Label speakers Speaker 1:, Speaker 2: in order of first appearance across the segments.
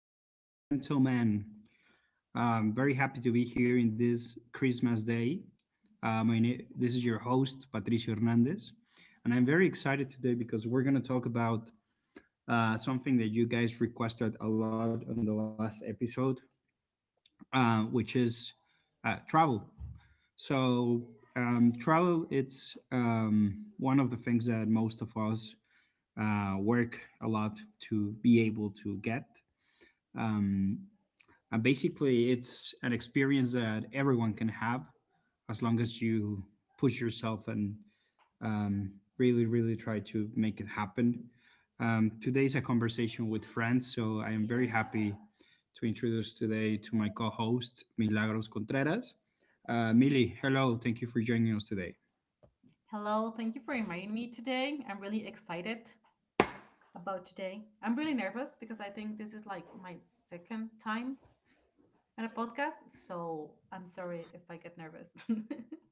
Speaker 1: ladies and gentlemen. I'm very happy to be here in this Christmas day. This is your host, Patricio Hernandez, and I'm very excited today because we're going to talk about something that you guys requested a lot on the last episode, which is travel. So, travel it's one of the things that most of us work a lot to be able to get. Um, And basically, it's an experience that everyone can have as long as you push yourself and really, really try to make it happen. Today's a conversation with friends, so I am very happy to introduce today to my co host, Milagros Contreras. Mili, hello. Thank you for joining us today.
Speaker 2: Hello, thank you for inviting me today. I'm really excited about today. I'm really nervous because I think this is like my second time on a podcast, so I'm sorry if I get nervous.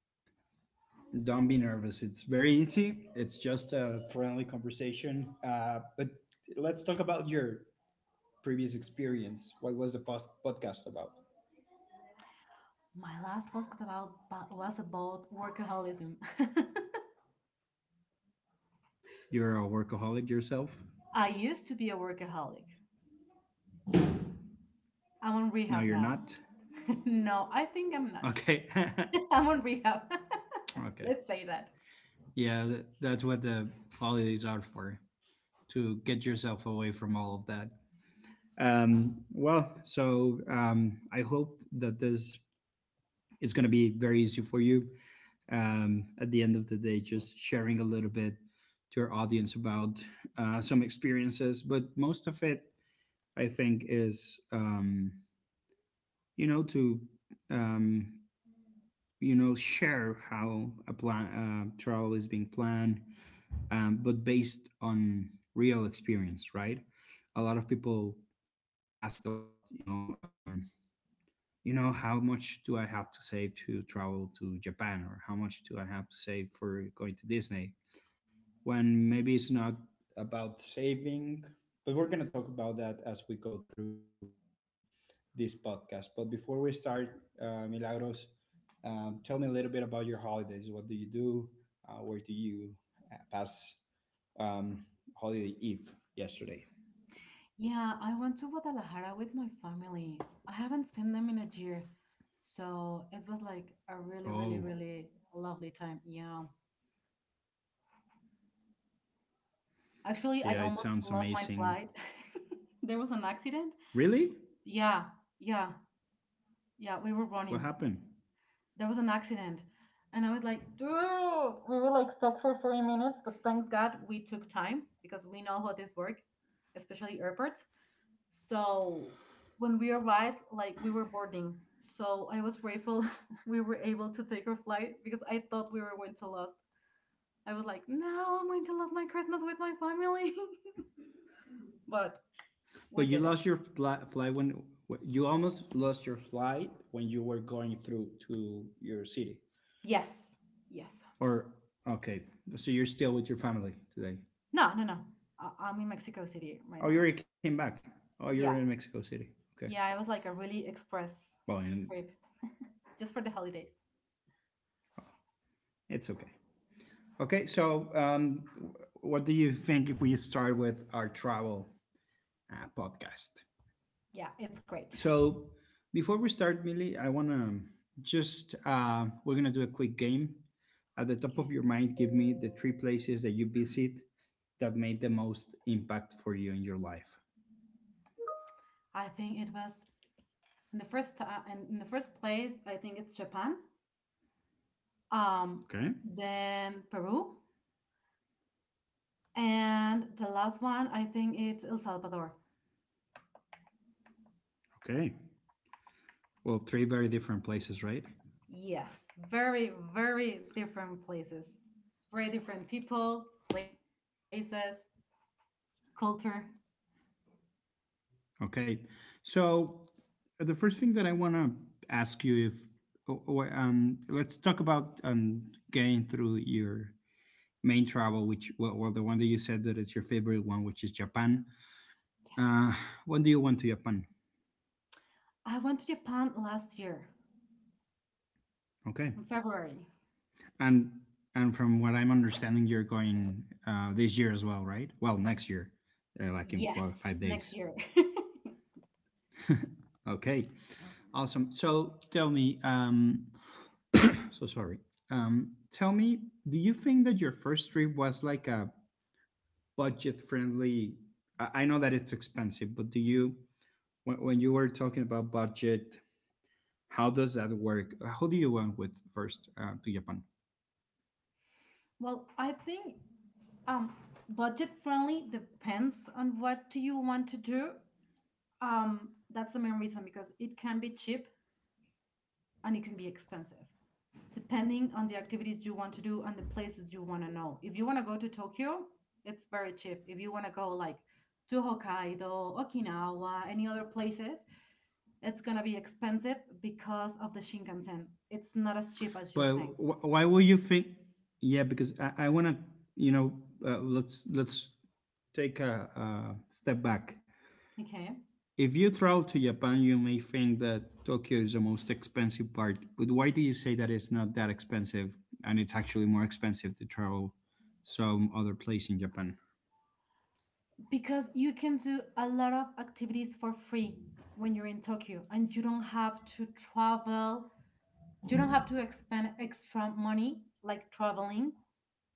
Speaker 1: Don't be nervous. It's very easy. It's just a friendly conversation. But let's talk about your previous experience. What was the podcast about?
Speaker 2: My last podcast about was about workaholism.
Speaker 1: You're a workaholic yourself?
Speaker 2: I used to be a workaholic. I'm on
Speaker 1: No,
Speaker 2: rehab
Speaker 1: you're
Speaker 2: now.
Speaker 1: not.
Speaker 2: No, I think I'm not.
Speaker 1: Okay.
Speaker 2: I'm on rehab.
Speaker 1: okay.
Speaker 2: Let's say that.
Speaker 1: Yeah, that's what the holidays are for to get yourself away from all of that. Well, so I hope that this is going to be very easy for you. At the end of the day, just sharing a little bit to our audience about some experiences, but most of it, I think, is you know, to um, you know share how a plan travel is being planned, but based on real experience, right? A lot of people ask a lot, how much do I have to save to travel to Japan, or how much do I have to save for going to Disney? When maybe it's not about saving, but we're gonna talk about that as we go through this podcast. But before we start, Milagros, tell me a little bit about your holidays. What do you do? Where do you pass um, holiday eve yesterday?
Speaker 2: Yeah, I went to Guadalajara with my family. I haven't seen them in a year. So it was like a really, really,
Speaker 1: Oh,
Speaker 2: really lovely time. Yeah. Actually, I
Speaker 1: yeah, it
Speaker 2: almost
Speaker 1: sounds
Speaker 2: lost my
Speaker 1: amazing.
Speaker 2: flight. There was an accident.
Speaker 1: Really?
Speaker 2: Yeah, yeah, yeah. We were
Speaker 1: What
Speaker 2: running.
Speaker 1: happened?
Speaker 2: There was an accident, and I was like, dude, we were like stuck for 3 minutes, but thanks God, we took time because we know how this work, especially airports. So when we arrived, like, we were boarding, so I was grateful we were able to take our flight because I thought we were going to lost. I was like, no, I'm going to lose my Christmas with my family. But we
Speaker 1: But you
Speaker 2: did
Speaker 1: lost
Speaker 2: it.
Speaker 1: your you almost lost your flight when you were going through to your city.
Speaker 2: Yes. Yes.
Speaker 1: Or okay. So you're still with your family today.
Speaker 2: No, no, no, I'm in Mexico City right
Speaker 1: Oh, you
Speaker 2: now.
Speaker 1: already came back. Oh, you're in
Speaker 2: Yeah,
Speaker 1: Mexico City. Okay.
Speaker 2: yeah, it was like a really express
Speaker 1: Well, and
Speaker 2: trip just for the holidays.
Speaker 1: it's okay. Okay, so what do you think if we start with our travel podcast?
Speaker 2: Yeah, it's great.
Speaker 1: So before we start, Millie, I want to just we're going to do a quick game. At the top
Speaker 2: Okay.
Speaker 1: of your mind, give me the three places that you visit that made the most impact for you in your life.
Speaker 2: I think it was in the first time, and in the first place, I think it's Japan, um,
Speaker 1: Okay.
Speaker 2: then Peru, and the last one, I think it's El Salvador.
Speaker 1: Okay. Well, three very different places, right?
Speaker 2: Yes, very, very different places, very different people, places, culture.
Speaker 1: Okay. So the first thing that I want to ask you if oh, let's talk about getting through your main travel, which well, well, the one that you said that it's your favorite one, which is Japan.
Speaker 2: Yes.
Speaker 1: Uh, when do you want to Japan?
Speaker 2: I went to Japan last year
Speaker 1: Okay.
Speaker 2: in February.
Speaker 1: And from what I'm understanding you're going this year as well, right? Well, next year. Like in
Speaker 2: Yes,
Speaker 1: four, five
Speaker 2: next
Speaker 1: days.
Speaker 2: year.
Speaker 1: Okay. Awesome. So tell me um, so sorry. Tell me, do you think that your first trip was like a budget friendly? I know that it's expensive, but do you, when you were talking about budget, how does that work? How do you went with first to Japan?
Speaker 2: Well, I think Um, budget friendly depends on what you want to do. That's the main reason because it can be cheap and it can be expensive, depending on the activities you want to do and the places you want to know. If you want to go to Tokyo, it's very cheap. If you want to go like to Hokkaido, Okinawa, any other places, it's gonna be expensive because of the Shinkansen. It's not as cheap as you
Speaker 1: But
Speaker 2: think.
Speaker 1: why would you think? Yeah, because I want to, you know, let's take a step back.
Speaker 2: Okay.
Speaker 1: If you travel to Japan, you may think that Tokyo is the most expensive part, but why do you say that it's not that expensive and it's actually more expensive to travel some other place in Japan?
Speaker 2: Because you can do a lot of activities for free when you're in Tokyo and you don't have to travel, you don't have to expend extra money like traveling.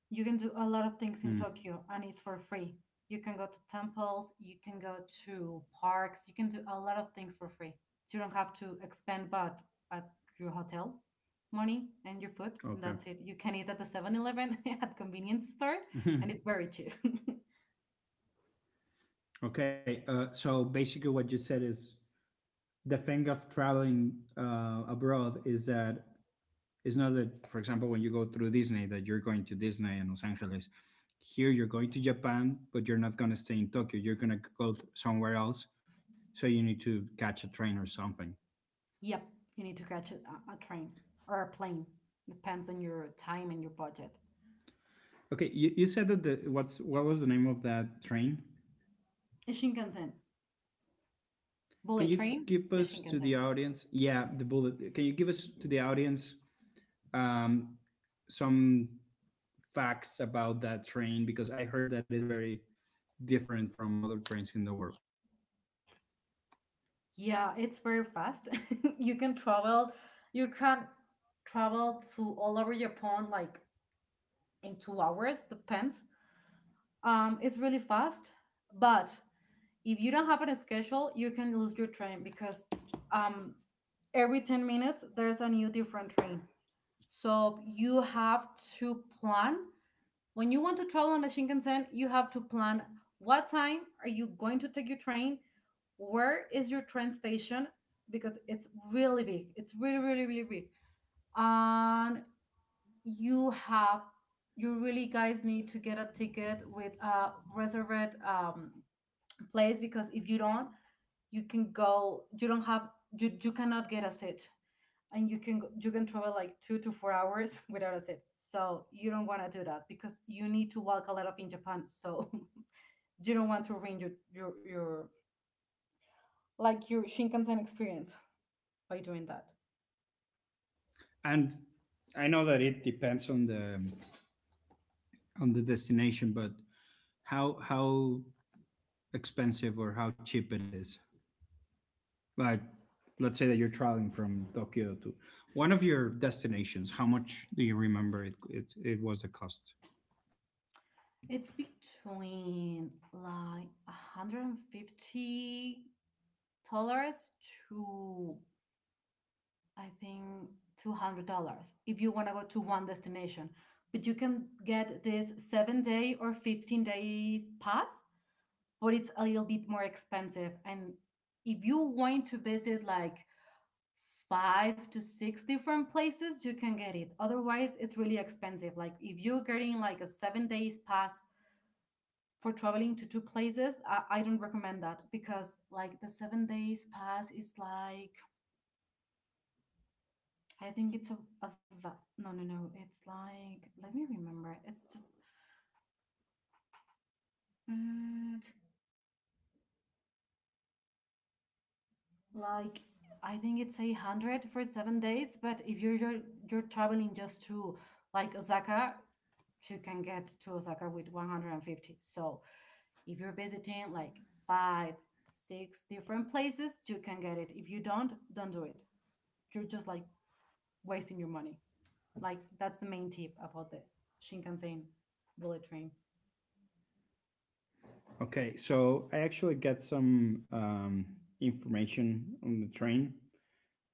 Speaker 2: You can do a lot of things in
Speaker 1: Hmm,
Speaker 2: Tokyo and it's for free. You can go to temples, you can go to parks, you can do a lot of things for free. You don't have to expend but at your hotel money and your food. And that's
Speaker 1: okay.
Speaker 2: it. You can eat at the 7-Eleven at convenience store and it's very cheap.
Speaker 1: okay, so basically what you said is the thing of traveling abroad is that it's not that, for example, when you go through Disney, that you're going to Disney and Los Angeles. Here, you're going to Japan, but you're not going to stay in Tokyo. You're going to go somewhere else. So you need to catch a train or something.
Speaker 2: Yep, you need to catch a train or a plane. Depends on your time and your budget.
Speaker 1: Okay, you said that what's what was the name of that train?
Speaker 2: The Shinkansen,
Speaker 1: Can
Speaker 2: bullet
Speaker 1: you
Speaker 2: train,
Speaker 1: give
Speaker 2: the
Speaker 1: us to the
Speaker 2: Shinkansen.
Speaker 1: audience? Yeah, the bullet. Can you give us to the audience um, some facts about that train because I heard that it's very different from other trains in the world.
Speaker 2: Yeah, it's very fast. You can travel. You can travel to all over Japan like in 2 hours. Depends. It's really fast, but if you don't have it scheduled, you can lose your train because um, every 10 minutes there's a new different train. So you have to plan. When you want to travel on the Shinkansen, you have to plan what time are you going to take your train? Where is your train station? Because it's really big. It's really, really, really big. And you have, you really guys need to get a ticket with a reserved place because if you don't, you can go you don't have you cannot get a seat and you can travel like 2 to 4 hours without a seat so you don't want to do that because you need to walk a lot of in Japan so you don't want to ruin your Shinkansen experience by doing that.
Speaker 1: And I know that it depends on the destination, but how expensive or how cheap it is. Like, let's say that you're traveling from Tokyo to one of your destinations. How much do you remember it was the cost?
Speaker 2: It's between like 150 dollars to I think $200 if you want to go to one destination. But you can get this 7 day or 15 days pass, but it's a little bit more expensive and if you want to visit like 5 to 6 different places, you can get it. Otherwise, it's really expensive. Like if you're getting like a 7 days pass for traveling to two places, I don't recommend that because like the 7 days pass is like I think it's no, no, no, it's like, let me remember, it's just mm, like I think it's 100 for 7 days, but if you're traveling just to like Osaka, you can get to Osaka with 150. So if you're visiting like five six different places you can get it if you don't do it, you're just like wasting your money. Like that's the main tip about the Shinkansen bullet train.
Speaker 1: Okay, so I actually get some information on the train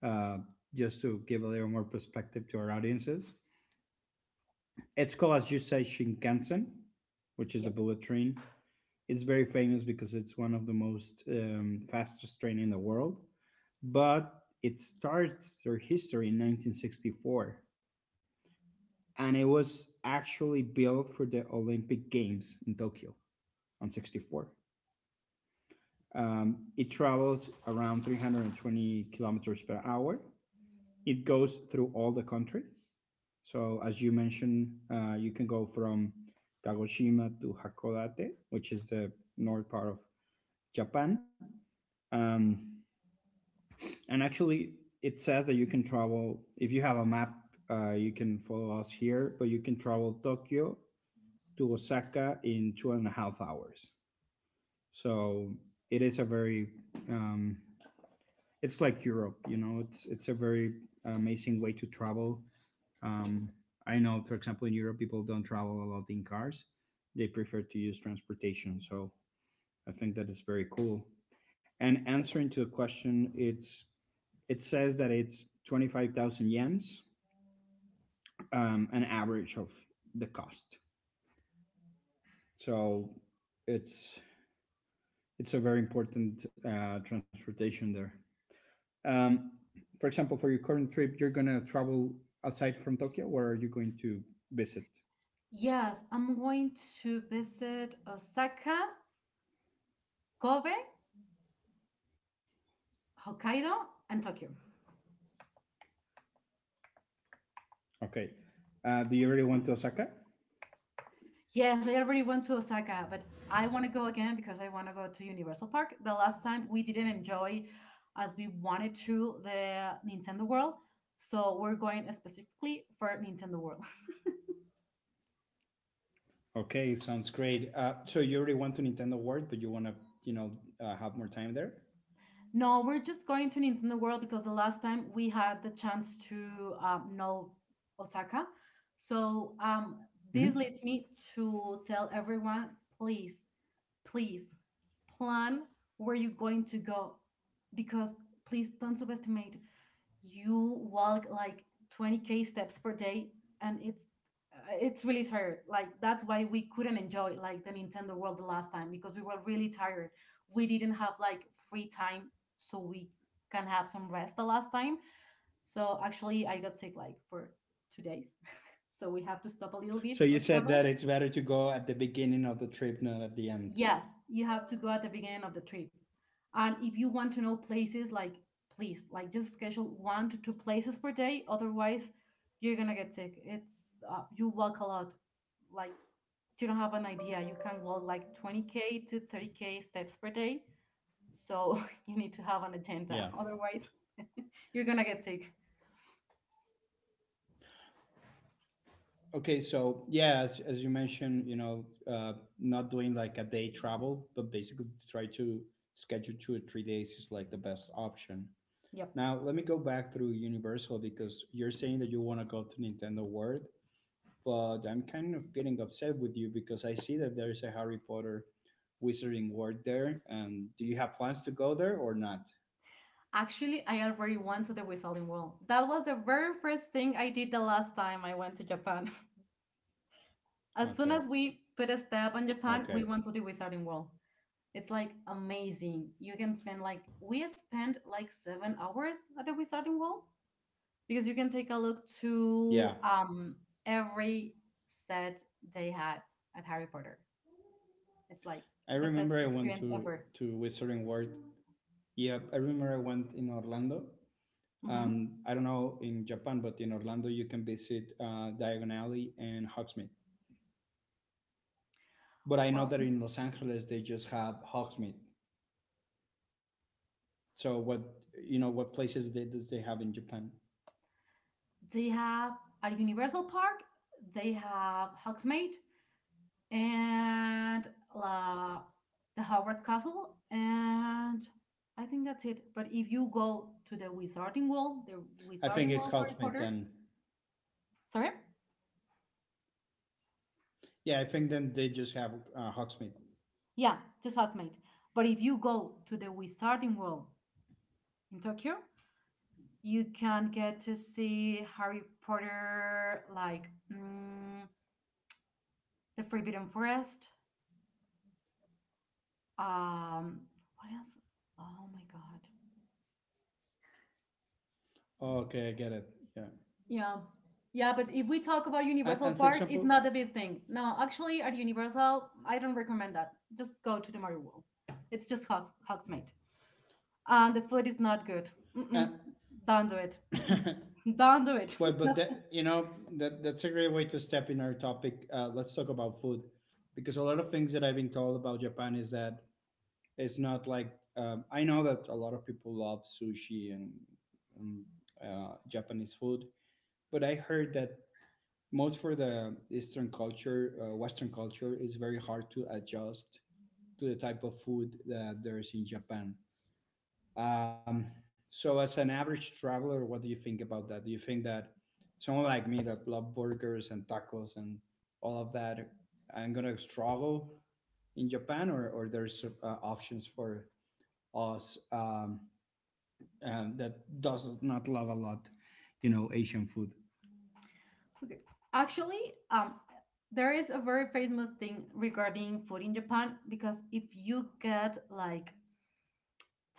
Speaker 1: uh, just to give a little more perspective to our audiences. It's called, as you say, Shinkansen, which is a
Speaker 2: Yep.
Speaker 1: bullet train. It's very famous because it's one of the most fastest train in the world. But it starts their history in 1964, and it was actually built for the Olympic Games in Tokyo on 64. It travels around 320 kilometers per hour. It goes through all the country. So, as you mentioned, you can go from Kagoshima to Hakodate, which is the north part of Japan. Um, And actually, it says that you can travel if you have a map. You can follow us here, but you can travel Tokyo to Osaka in 2.5 hours. So it is a very, um, it's like Europe. You know, it's a very amazing way to travel. Um, I know, for example, in Europe, people don't travel a lot in cars; they prefer to use transportation. So I think that is very cool. And answering to the question, it says that it's 25,000 yens, an average of the cost. So it's it's a very important transportation there. Um, for example, for your current trip, you're gonna travel aside from Tokyo. Where are you going to visit?
Speaker 2: Yes, I'm going to visit Osaka, Kobe, Hokkaido, and Tokyo.
Speaker 1: Okay. Do you already want to Osaka?
Speaker 2: Yes, I already went to Osaka, but I want to go again because I want to go to Universal Park. The last time we didn't enjoy as we wanted to the Nintendo World, so we're going specifically for Nintendo World.
Speaker 1: Okay, sounds great. So you already want to Nintendo World, but you want to, you know, have more time there.
Speaker 2: No, we're just going to Nintendo World because the last time we had the chance to know Osaka. So this
Speaker 1: Hmm.
Speaker 2: leads me to tell everyone please, please plan where you're going to go because please don't subestimate you walk like 20K steps per day and it's really tired like that's why we couldn't enjoy like the Nintendo World the last time because we were really tired we didn't have like free time so we can have some rest the last time so actually I got sick like for 2 days so we have to stop a little bit or
Speaker 1: So you
Speaker 2: travel.
Speaker 1: said that it's better to go at the beginning of the trip, not at the
Speaker 2: Yes,
Speaker 1: end.
Speaker 2: you have to go at the beginning of the trip. And if you want to know places, like please, like just schedule one to two places per day. Otherwise, you're gonna get sick. It's You walk a lot. Like you don't have an idea. You can walk like 20K to 30K steps per day. So you need to have an
Speaker 1: Yeah.
Speaker 2: agenda. Otherwise, you're gonna get sick.
Speaker 1: Okay, so yeah, as you mentioned, you know, uh, not doing like a day travel, but basically to try to schedule 2 or 3 days is like the best option.
Speaker 2: Yep.
Speaker 1: Now, let me go back through Universal because you're saying that you want to go to Nintendo World, but I'm kind of getting upset with you because I see that there's a Harry Potter Wizarding World there. And do you have plans to go there or not?
Speaker 2: Actually, I already went to the Whistling Wall. That was the very first thing I did the last time I went to Japan. As soon
Speaker 1: Okay.
Speaker 2: as we put a step on Japan, we
Speaker 1: Okay.
Speaker 2: went to the Wizarding World. It's like amazing. You can spend like we spent like 7 hours at the Wizarding World because you can take a look
Speaker 1: Yeah.
Speaker 2: to every set they had at Harry Potter. It's like
Speaker 1: I
Speaker 2: the best
Speaker 1: remember I went
Speaker 2: experience
Speaker 1: to
Speaker 2: ever.
Speaker 1: Wizarding World. Yep, I remember I went in Orlando.
Speaker 2: Hmm.
Speaker 1: I don't know in Japan, but in Orlando you can visit Diagon Alley and Hogsmeade. But I know
Speaker 2: Well,
Speaker 1: that in Los Angeles they just have Hogsmeade. So what, you know, what places does they have in Japan?
Speaker 2: they have at Universal Park. They have Hogsmeade. And uh, the Hogwarts Castle, and I think that's it. But if you go to the
Speaker 1: I think
Speaker 2: Wizarding
Speaker 1: it's
Speaker 2: World Harry
Speaker 1: Hogsmeade
Speaker 2: Potter,
Speaker 1: then.
Speaker 2: sorry,
Speaker 1: Yeah, I think then they just have Hogsmeade.
Speaker 2: yeah, just Hogsmeade. But if you go to the Wizarding World in Tokyo, you can get to see Harry Potter, like the Forbidden Forest. Um, what else? Oh my God!
Speaker 1: Okay, I get it. Yeah,
Speaker 2: Yeah. Yeah, but if we talk about Universal
Speaker 1: and for
Speaker 2: Park, it's
Speaker 1: example,
Speaker 2: not a big thing. No, actually, at Universal, I don't recommend that. Just go to the Mario World. It's just Hawks, Hogsmeade. And the food is not good.
Speaker 1: and,
Speaker 2: Mm-mm. Don't do it. Mm-mm. Don't do it.
Speaker 1: well,
Speaker 2: No.
Speaker 1: but that, you know, that that's a great way to step in our topic. Let's talk about food because a lot of things that I've been told about Japan is that it's not like I know that a lot of people love sushi and Japanese food, but I heard that most for the Eastern culture, Western culture, is very hard to adjust to the type of food that there is in Japan. Um, so, as an average traveler, what do you think about that? Do you think that someone like me that love burgers and tacos and all of that, I'm gonna struggle in Japan, or there's options for us that does not love a lot, you know, Asian food.
Speaker 2: Okay. Actually, there is a very famous thing regarding food in Japan because if you get like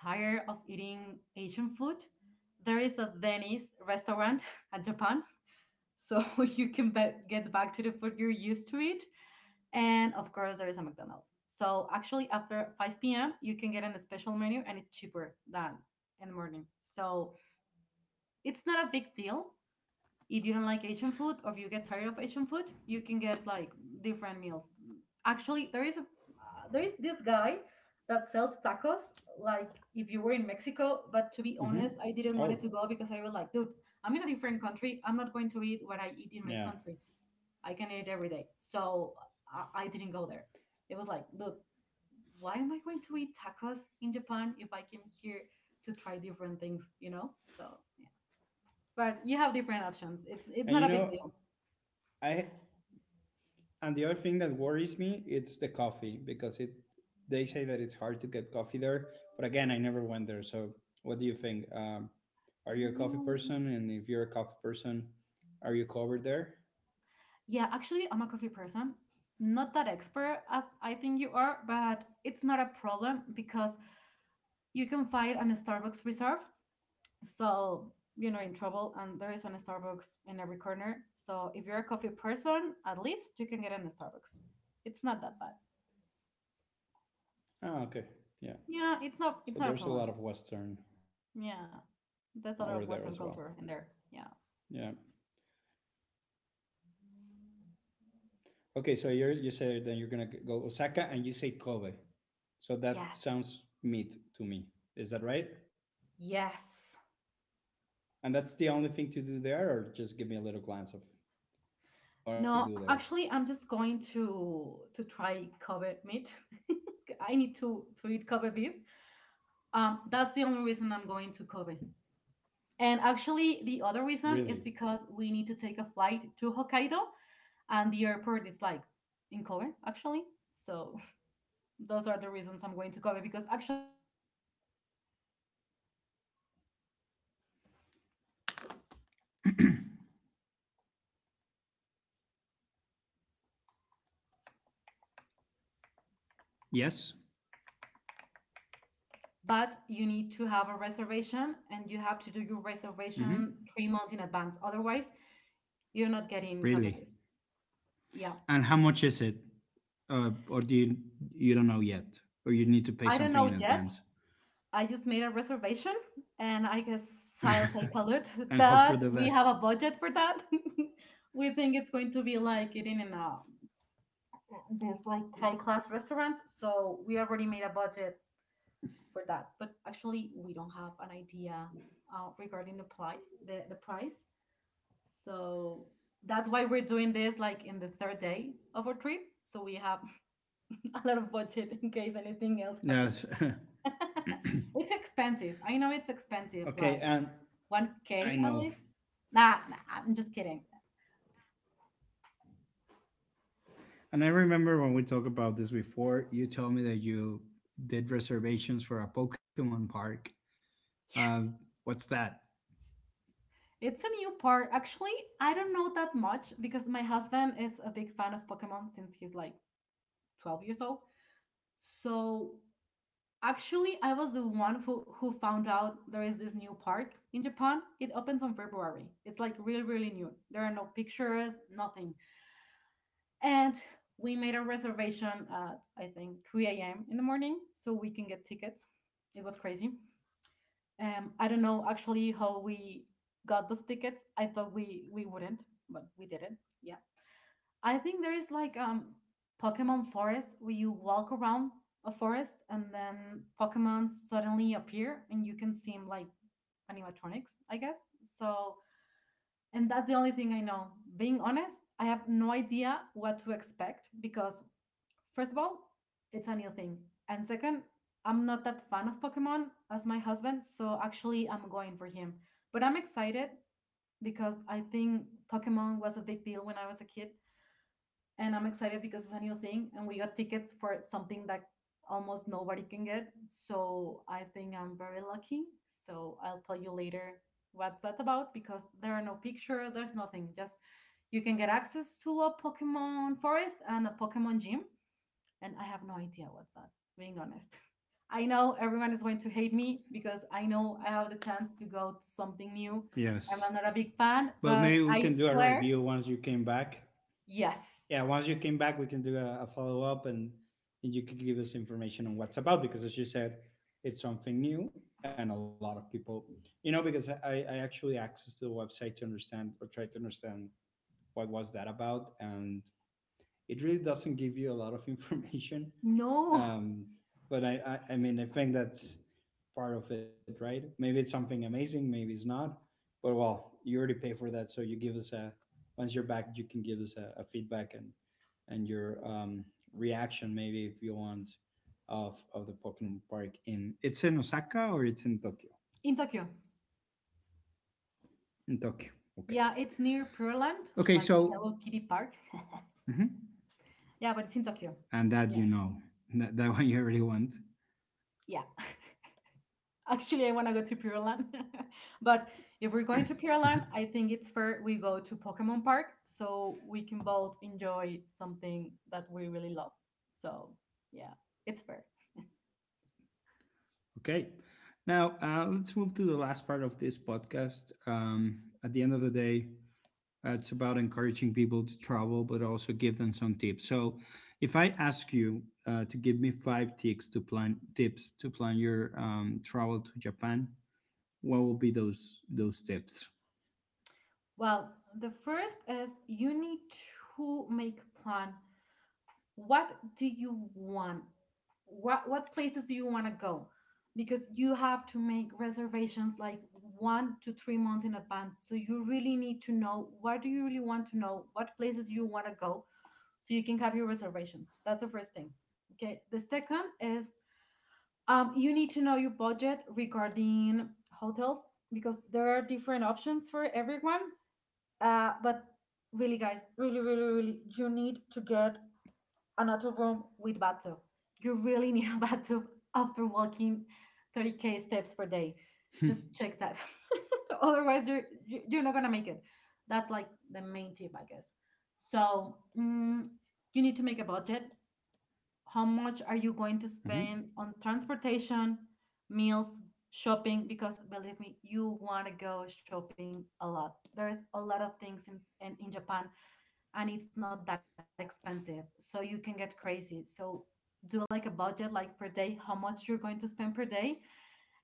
Speaker 2: tired of eating Asian food, there is a Denny's restaurant at Japan so you can get back to the food you're used to eat. And of course, there is a McDonald's. So actually, after 5 p.m., you can get on a special menu and it's cheaper than in the morning. So it's not a big deal. If you don't like Asian food or if you get tired of Asian food, you can get like different meals. Actually, there is this guy that sells tacos like if you were in Mexico, but to
Speaker 1: Hmm.
Speaker 2: be honest, I
Speaker 1: Oh,
Speaker 2: didn't want it to go because I was like, dude, I'm in a different country. I'm not going to eat what I eat in my
Speaker 1: yeah.
Speaker 2: country. I can eat every day. So I didn't go there. It was like, look, why am I going to eat tacos in Japan if I came here to try different things, you know? So yeah. But you have different options. It's
Speaker 1: And
Speaker 2: not
Speaker 1: you
Speaker 2: a big
Speaker 1: know,
Speaker 2: deal.
Speaker 1: I, and the other thing that worries me it's the coffee because it they say that it's hard to get coffee there, but again, I never went there. So, what do you think? Are you a coffee
Speaker 2: No.
Speaker 1: person? And if you're a coffee person, are you covered there?
Speaker 2: Yeah, actually I'm a coffee person. Not that expert as I think you are, but it's not a problem because you can find an Starbucks reserve so you know in trouble and there is an starbucks in every corner so if you're a coffee person at least you can get in the starbucks it's not that bad.
Speaker 1: Ah, okay. Yeah.
Speaker 2: Yeah, it's not a
Speaker 1: So
Speaker 2: problem.
Speaker 1: there's a lot of Western over
Speaker 2: Yeah,
Speaker 1: there as well.
Speaker 2: that's a lot of western culture in
Speaker 1: Yeah.
Speaker 2: there, yeah.
Speaker 1: Okay, so you say then you're gonna go Osaka and you say Kobe. So that sounds
Speaker 2: Yes.
Speaker 1: meat to me. Is that right?
Speaker 2: Yes.
Speaker 1: And that's the only thing to do there, or just give me a little glance of what are you gonna
Speaker 2: No,
Speaker 1: do there?
Speaker 2: actually I'm just going to try Kobe meat. I need to eat Kobe beef. Um, that's the only reason I'm going to Kobe. And actually the other reason is
Speaker 1: Really?
Speaker 2: because we need to take a flight to Hokkaido, and the airport is like in Kobe actually. So those are the reasons I'm going to Kobe because actually, if you want to know Kobe, you just need like 3 hours. It's a really, really, really small place.
Speaker 1: Yes.
Speaker 2: But you need to have a reservation and you have to do your reservation
Speaker 1: Mm-hmm.
Speaker 2: 3 months in advance. Otherwise, you're not getting Kobe
Speaker 1: Really.
Speaker 2: beef. Yeah.
Speaker 1: And how much is it? Or do you, you don't know yet, or you need to
Speaker 2: I
Speaker 1: pay
Speaker 2: don't know
Speaker 1: something in
Speaker 2: yet.
Speaker 1: advance
Speaker 2: I just made a reservation and I guess I'll take a look
Speaker 1: and hope for the
Speaker 2: that we
Speaker 1: best?
Speaker 2: have a budget for that. We think it's going to be like eating in a this like high class restaurants, so we already made a budget for that. But actually, we don't have an idea regarding the price. The price. So that's why we're doing this like in the third day of our trip, so we have a lot of budget in case anything else happens.
Speaker 1: Yes.
Speaker 2: It's expensive. I know it's expensive.
Speaker 1: Okay,
Speaker 2: Like
Speaker 1: and
Speaker 2: 1K
Speaker 1: I
Speaker 2: at
Speaker 1: know.
Speaker 2: least? Nah, nah, I'm just kidding.
Speaker 1: And I remember when we talked about this before, you told me that you did reservations for a Pokemon park. Uh,
Speaker 2: Yes.
Speaker 1: what's that?
Speaker 2: It's a new part. Actually, I don't know that much because my husband is a big fan of Pokemon since he's like 12 years old. So actually, I was the one who found out there is this new park in Japan. It opens on February. It's like really, really new. There are no pictures, nothing. And we made a reservation at I think 3 a.m. in the morning so we can get tickets. It was crazy. I don't know actually how we got those tickets. I thought we wouldn't, but we did it. Yeah. I think there is like Pokemon forest where you walk around a forest and then Pokemon suddenly appear and you can see them like animatronics, I guess. So and that's the only thing I know. Being honest, I have no idea what to expect because first of all, it's a new thing. And second, I'm not that fan of Pokemon as my husband, so actually I'm going for him. But I'm excited because I think Pokemon was a big deal when I was a kid. And I'm excited because it's a new thing and we got tickets for something that almost nobody can get. So I think I'm very lucky. So I'll tell you later what's that about because there are no picture, there's nothing. Just you can get access to a Pokemon forest and a Pokemon gym and I have no idea what's that, being honest. I know everyone is going to hate me because I know I have the chance to go to something new and
Speaker 1: Yes.
Speaker 2: I'm not a big fan,
Speaker 1: But
Speaker 2: but
Speaker 1: maybe we
Speaker 2: I
Speaker 1: can do a
Speaker 2: swear,
Speaker 1: review once you came back.
Speaker 2: yes.
Speaker 1: Yeah, once you came back, we can do a follow up and you can give us information on what's about because, as you said, it's something new and a lot of people, because I actually accessed the website to understand or try to understand what was that about and it really doesn't give you a lot of information.
Speaker 2: No.
Speaker 1: Um, but I mean, I think that's part of it, right? Maybe it's something amazing, maybe it's not. But well, you already pay for that, so you give us a, once you're back, you can give us a feedback and your reaction, maybe if you want, of the Pokemon Park. In, it's in Osaka or it's in Tokyo.
Speaker 2: In Tokyo.
Speaker 1: In Tokyo, okay,
Speaker 2: Yeah, it's near Pureland,
Speaker 1: okay.
Speaker 2: like
Speaker 1: So
Speaker 2: Hello Kitty Park.
Speaker 1: mhm.
Speaker 2: Yeah, but it's in Tokyo.
Speaker 1: And that
Speaker 2: Yeah.
Speaker 1: you know that that one you already want.
Speaker 2: Yeah. Actually, I want to go to Pure Land. But if we're going to Pure Land, I think it's fair we go to Pokemon Park so we can both enjoy something that we really love. So, yeah, it's fair.
Speaker 1: Okay. Now, let's move to the last part of this podcast. At the end of the day, it's about encouraging people to travel, but also give them some tips. So, if I ask you to give me 5 tips to plan, tips to plan your travel to Japan, what will be those tips?
Speaker 2: Well, the first is you need to make plan. What do you want? What places do you want to go? Because you have to make reservations like 1 to 3 months in advance, so you really need to know what do you really want to know what places you want to go so you can have your reservations. That's the first thing. Okay, the second is, you need to know your budget regarding hotels because there are different options for everyone. But really guys, really, really, really you need to get another room with bathtub. You really need a bathtub after walking 30k steps per day. Just check that. Otherwise, you're not gonna make it. That's like the main tip, I guess. So you need to make a budget. How much are you going to
Speaker 1: Mhm.
Speaker 2: spend on transportation, meals, shopping? Because believe me, you want to go shopping a lot. There is a lot of things in in Japan, and it's not that expensive. So you can get crazy. So do like a budget like per day, how much you're going to spend per day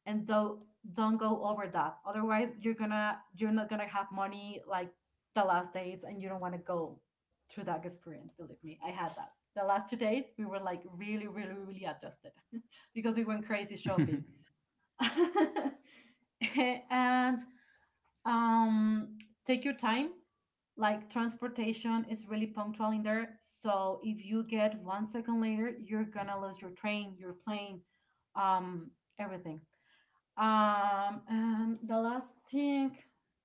Speaker 2: and don't go over that. Otherwise you're not gonna have money like the last dates and you don't wanna go through that experience, believe me. I had that. The last 2 days we were like really, really, really adjusted because we went crazy shopping. And um take your time. Like transportation is really punctual in there, so if you get 1 second later you're gonna lose your train, your plane, um everything. And the last thing,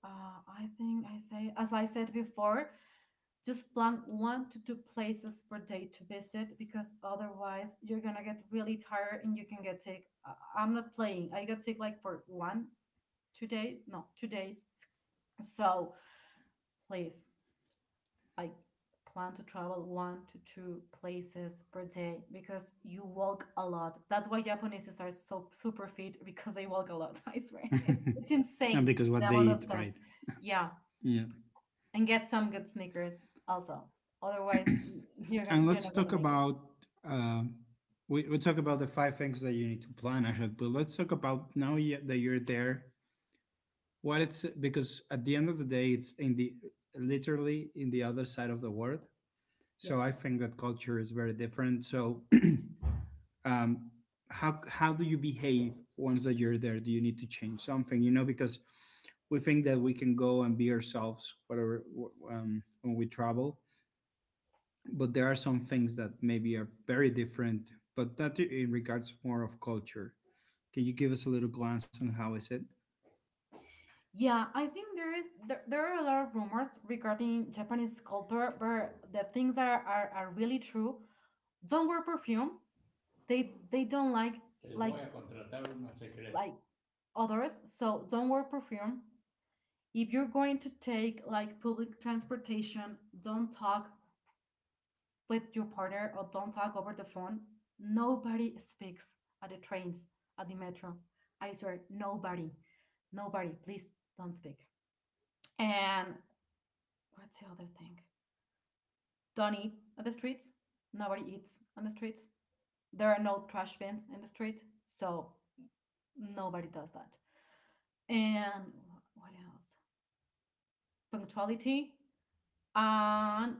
Speaker 2: uh, I think I say as I said before, just plan one to two places per day to visit because otherwise you're gonna get really tired and you can get sick. I'm not playing, I got sick like for one two day, no, 2 days. So please, I plan to travel one to two places per day because you walk a lot. That's why Japaneses are so super fit because they walk a lot. I swear, it's
Speaker 1: And
Speaker 2: insane
Speaker 1: because what
Speaker 2: the
Speaker 1: they
Speaker 2: amount of
Speaker 1: eat, right?
Speaker 2: steps. Yeah,
Speaker 1: Yeah.
Speaker 2: and get some good sneakers also. Otherwise,
Speaker 1: And
Speaker 2: you're
Speaker 1: let's
Speaker 2: not
Speaker 1: talk
Speaker 2: gonna make it.
Speaker 1: about um, we talk about the 5 things that you need to plan ahead, but let's talk about now that you're there. What it's because at the end of the day, it's in the literally in the other side of the world.
Speaker 2: Yep.
Speaker 1: So I think that culture is very different. So um, how do you behave once that you're there? Do you need to change something? You know, because we think that we can go and be ourselves, whatever when we travel, but there are some things that maybe are very different but that in regards more of culture, can you give us a little glance on how is it.
Speaker 2: Yeah, I think there is there, there are a lot of rumors regarding Japanese culture, but the things that are really true. Don't wear perfume. They don't like
Speaker 1: Les
Speaker 2: like
Speaker 1: voy a contratar una secreta.
Speaker 2: like others, so don't wear perfume. If you're going to take like public transportation, don't talk with your partner or don't talk over the phone. Nobody speaks at the trains, at the metro. I swear, nobody. Nobody, please don't speak. And what's the other thing? Don't eat on the streets. Nobody eats on the streets. There are no trash bins in the street, so nobody does that. And what else? Punctuality. And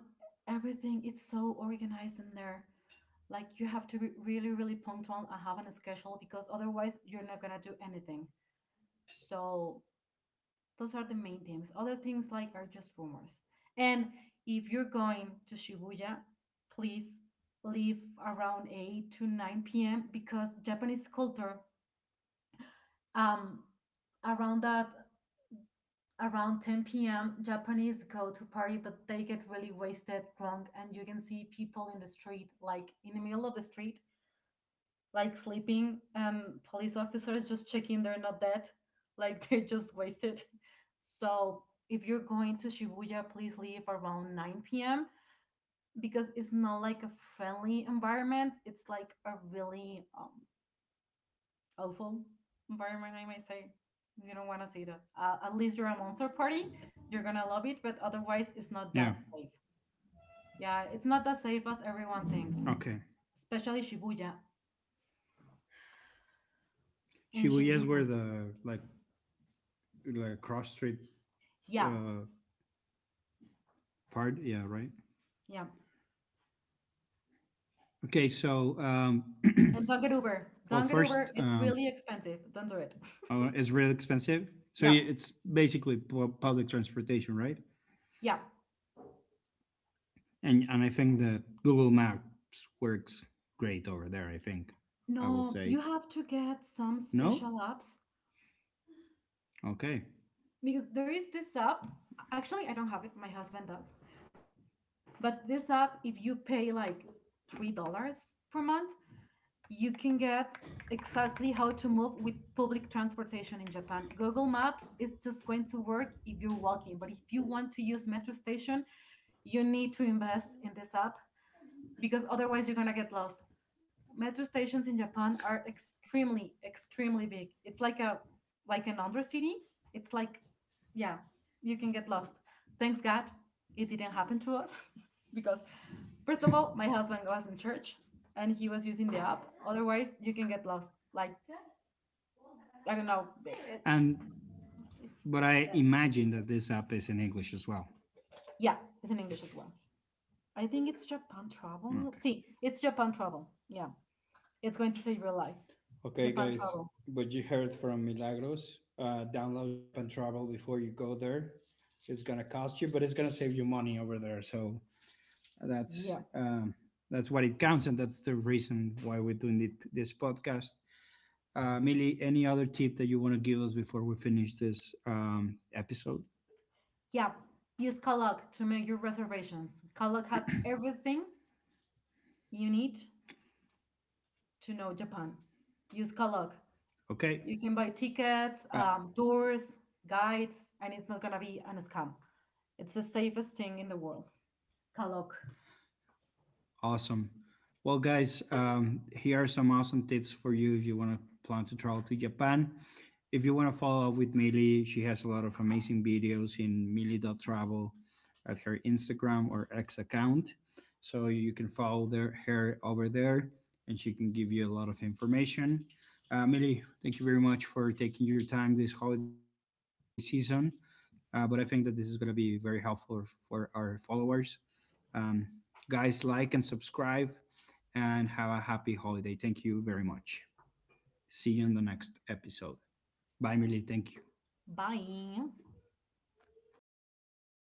Speaker 2: everything it's so organized in there, like you have to be really, really punctual and have a schedule because otherwise you're not gonna do anything. So those are the main things. Other things like are just rumors. And if you're going to Shibuya, please leave around 8 to 9 p.m. because Japanese culture, um around that, around 10 p.m. Japanese go to party, but they get really wasted, drunk, and you can see people in the street, like in the middle of the street, like sleeping, and police officers just checking they're not dead, like they're just wasted. So if you're going to Shibuya, please leave around 9 p.m. because it's not like a friendly environment. It's like a really awful environment, I might say. You don't want to see that. At least you're a monster party. You're gonna love it, but otherwise, it's not that
Speaker 1: Yeah,
Speaker 2: safe. Yeah, it's not that safe as everyone thinks,
Speaker 1: okay.
Speaker 2: especially Shibuya and
Speaker 1: Shibuya is where
Speaker 2: Shinjuku.
Speaker 1: the like cross street,
Speaker 2: Yeah,
Speaker 1: uh part, yeah, right.
Speaker 2: yeah.
Speaker 1: Okay so
Speaker 2: And don't get Uber.
Speaker 1: well
Speaker 2: Don't get Uber.
Speaker 1: first
Speaker 2: It's really expensive. Don't do it.
Speaker 1: it's really expensive, so
Speaker 2: Yeah,
Speaker 1: you- it's basically public transportation, right?
Speaker 2: yeah.
Speaker 1: And I think that google maps works great over there, I think I will
Speaker 2: No, you
Speaker 1: say.
Speaker 2: have to get some
Speaker 1: No?
Speaker 2: special apps
Speaker 1: Okay.
Speaker 2: because there is this app. Actually, I don't have it. My husband does. But this app, if you pay like $3 per month, you can get exactly how to move with public transportation in Japan. Google Maps is just going to work if you're walking, but if you want to use metro station, you need to invest in this app because otherwise you're going to get lost. Metro stations in Japan are extremely, extremely big. It's like a like an undercity. It's like, yeah, you can get lost. Thanks God, it didn't happen to us because, first of all, my husband was in church and he was using the app. Otherwise, you can get lost. Like I don't know.
Speaker 1: And
Speaker 2: It's
Speaker 1: but I
Speaker 2: uh,
Speaker 1: imagine that this app is in English as well.
Speaker 2: yeah, it's in English as well. I think it's Japan Travel.
Speaker 1: Okay.
Speaker 2: See, it's Japan Travel. Yeah, it's going to save your life.
Speaker 1: Okay,
Speaker 2: Japan
Speaker 1: guys,
Speaker 2: Travel.
Speaker 1: but you heard from Milagros. Download Japan Travel before you go there. It's gonna cost you, but it's gonna save you money over there. So that's
Speaker 2: Yeah.
Speaker 1: um, that's what it counts, and that's the reason why we're doing this podcast. Milly, any other tip that you want to give us before we finish this episode?
Speaker 2: Yeah, use Kalak to make your reservations. Kalak has everything you need to know Japan. Use Kalak.
Speaker 1: Okay.
Speaker 2: You can buy tickets,
Speaker 1: Uh,
Speaker 2: tours, guides, and it's not gonna be an scam. It's the safest thing in the world. Kalak.
Speaker 1: Awesome. Well, guys, here are some awesome tips for you if you want to plan to travel to Japan. If you want to follow up with Millie, she has a lot of amazing videos in Millie.Travel at her Instagram or X account. So you can follow their, her over there and she can give you a lot of information. Mili, thank you very much for taking your time this holiday season. But I think that this is going to be very helpful for our followers, um, guys, like and subscribe and have a happy holiday. Thank you very much. See you in the next episode. Bye, Millie. Thank you.
Speaker 2: Bye.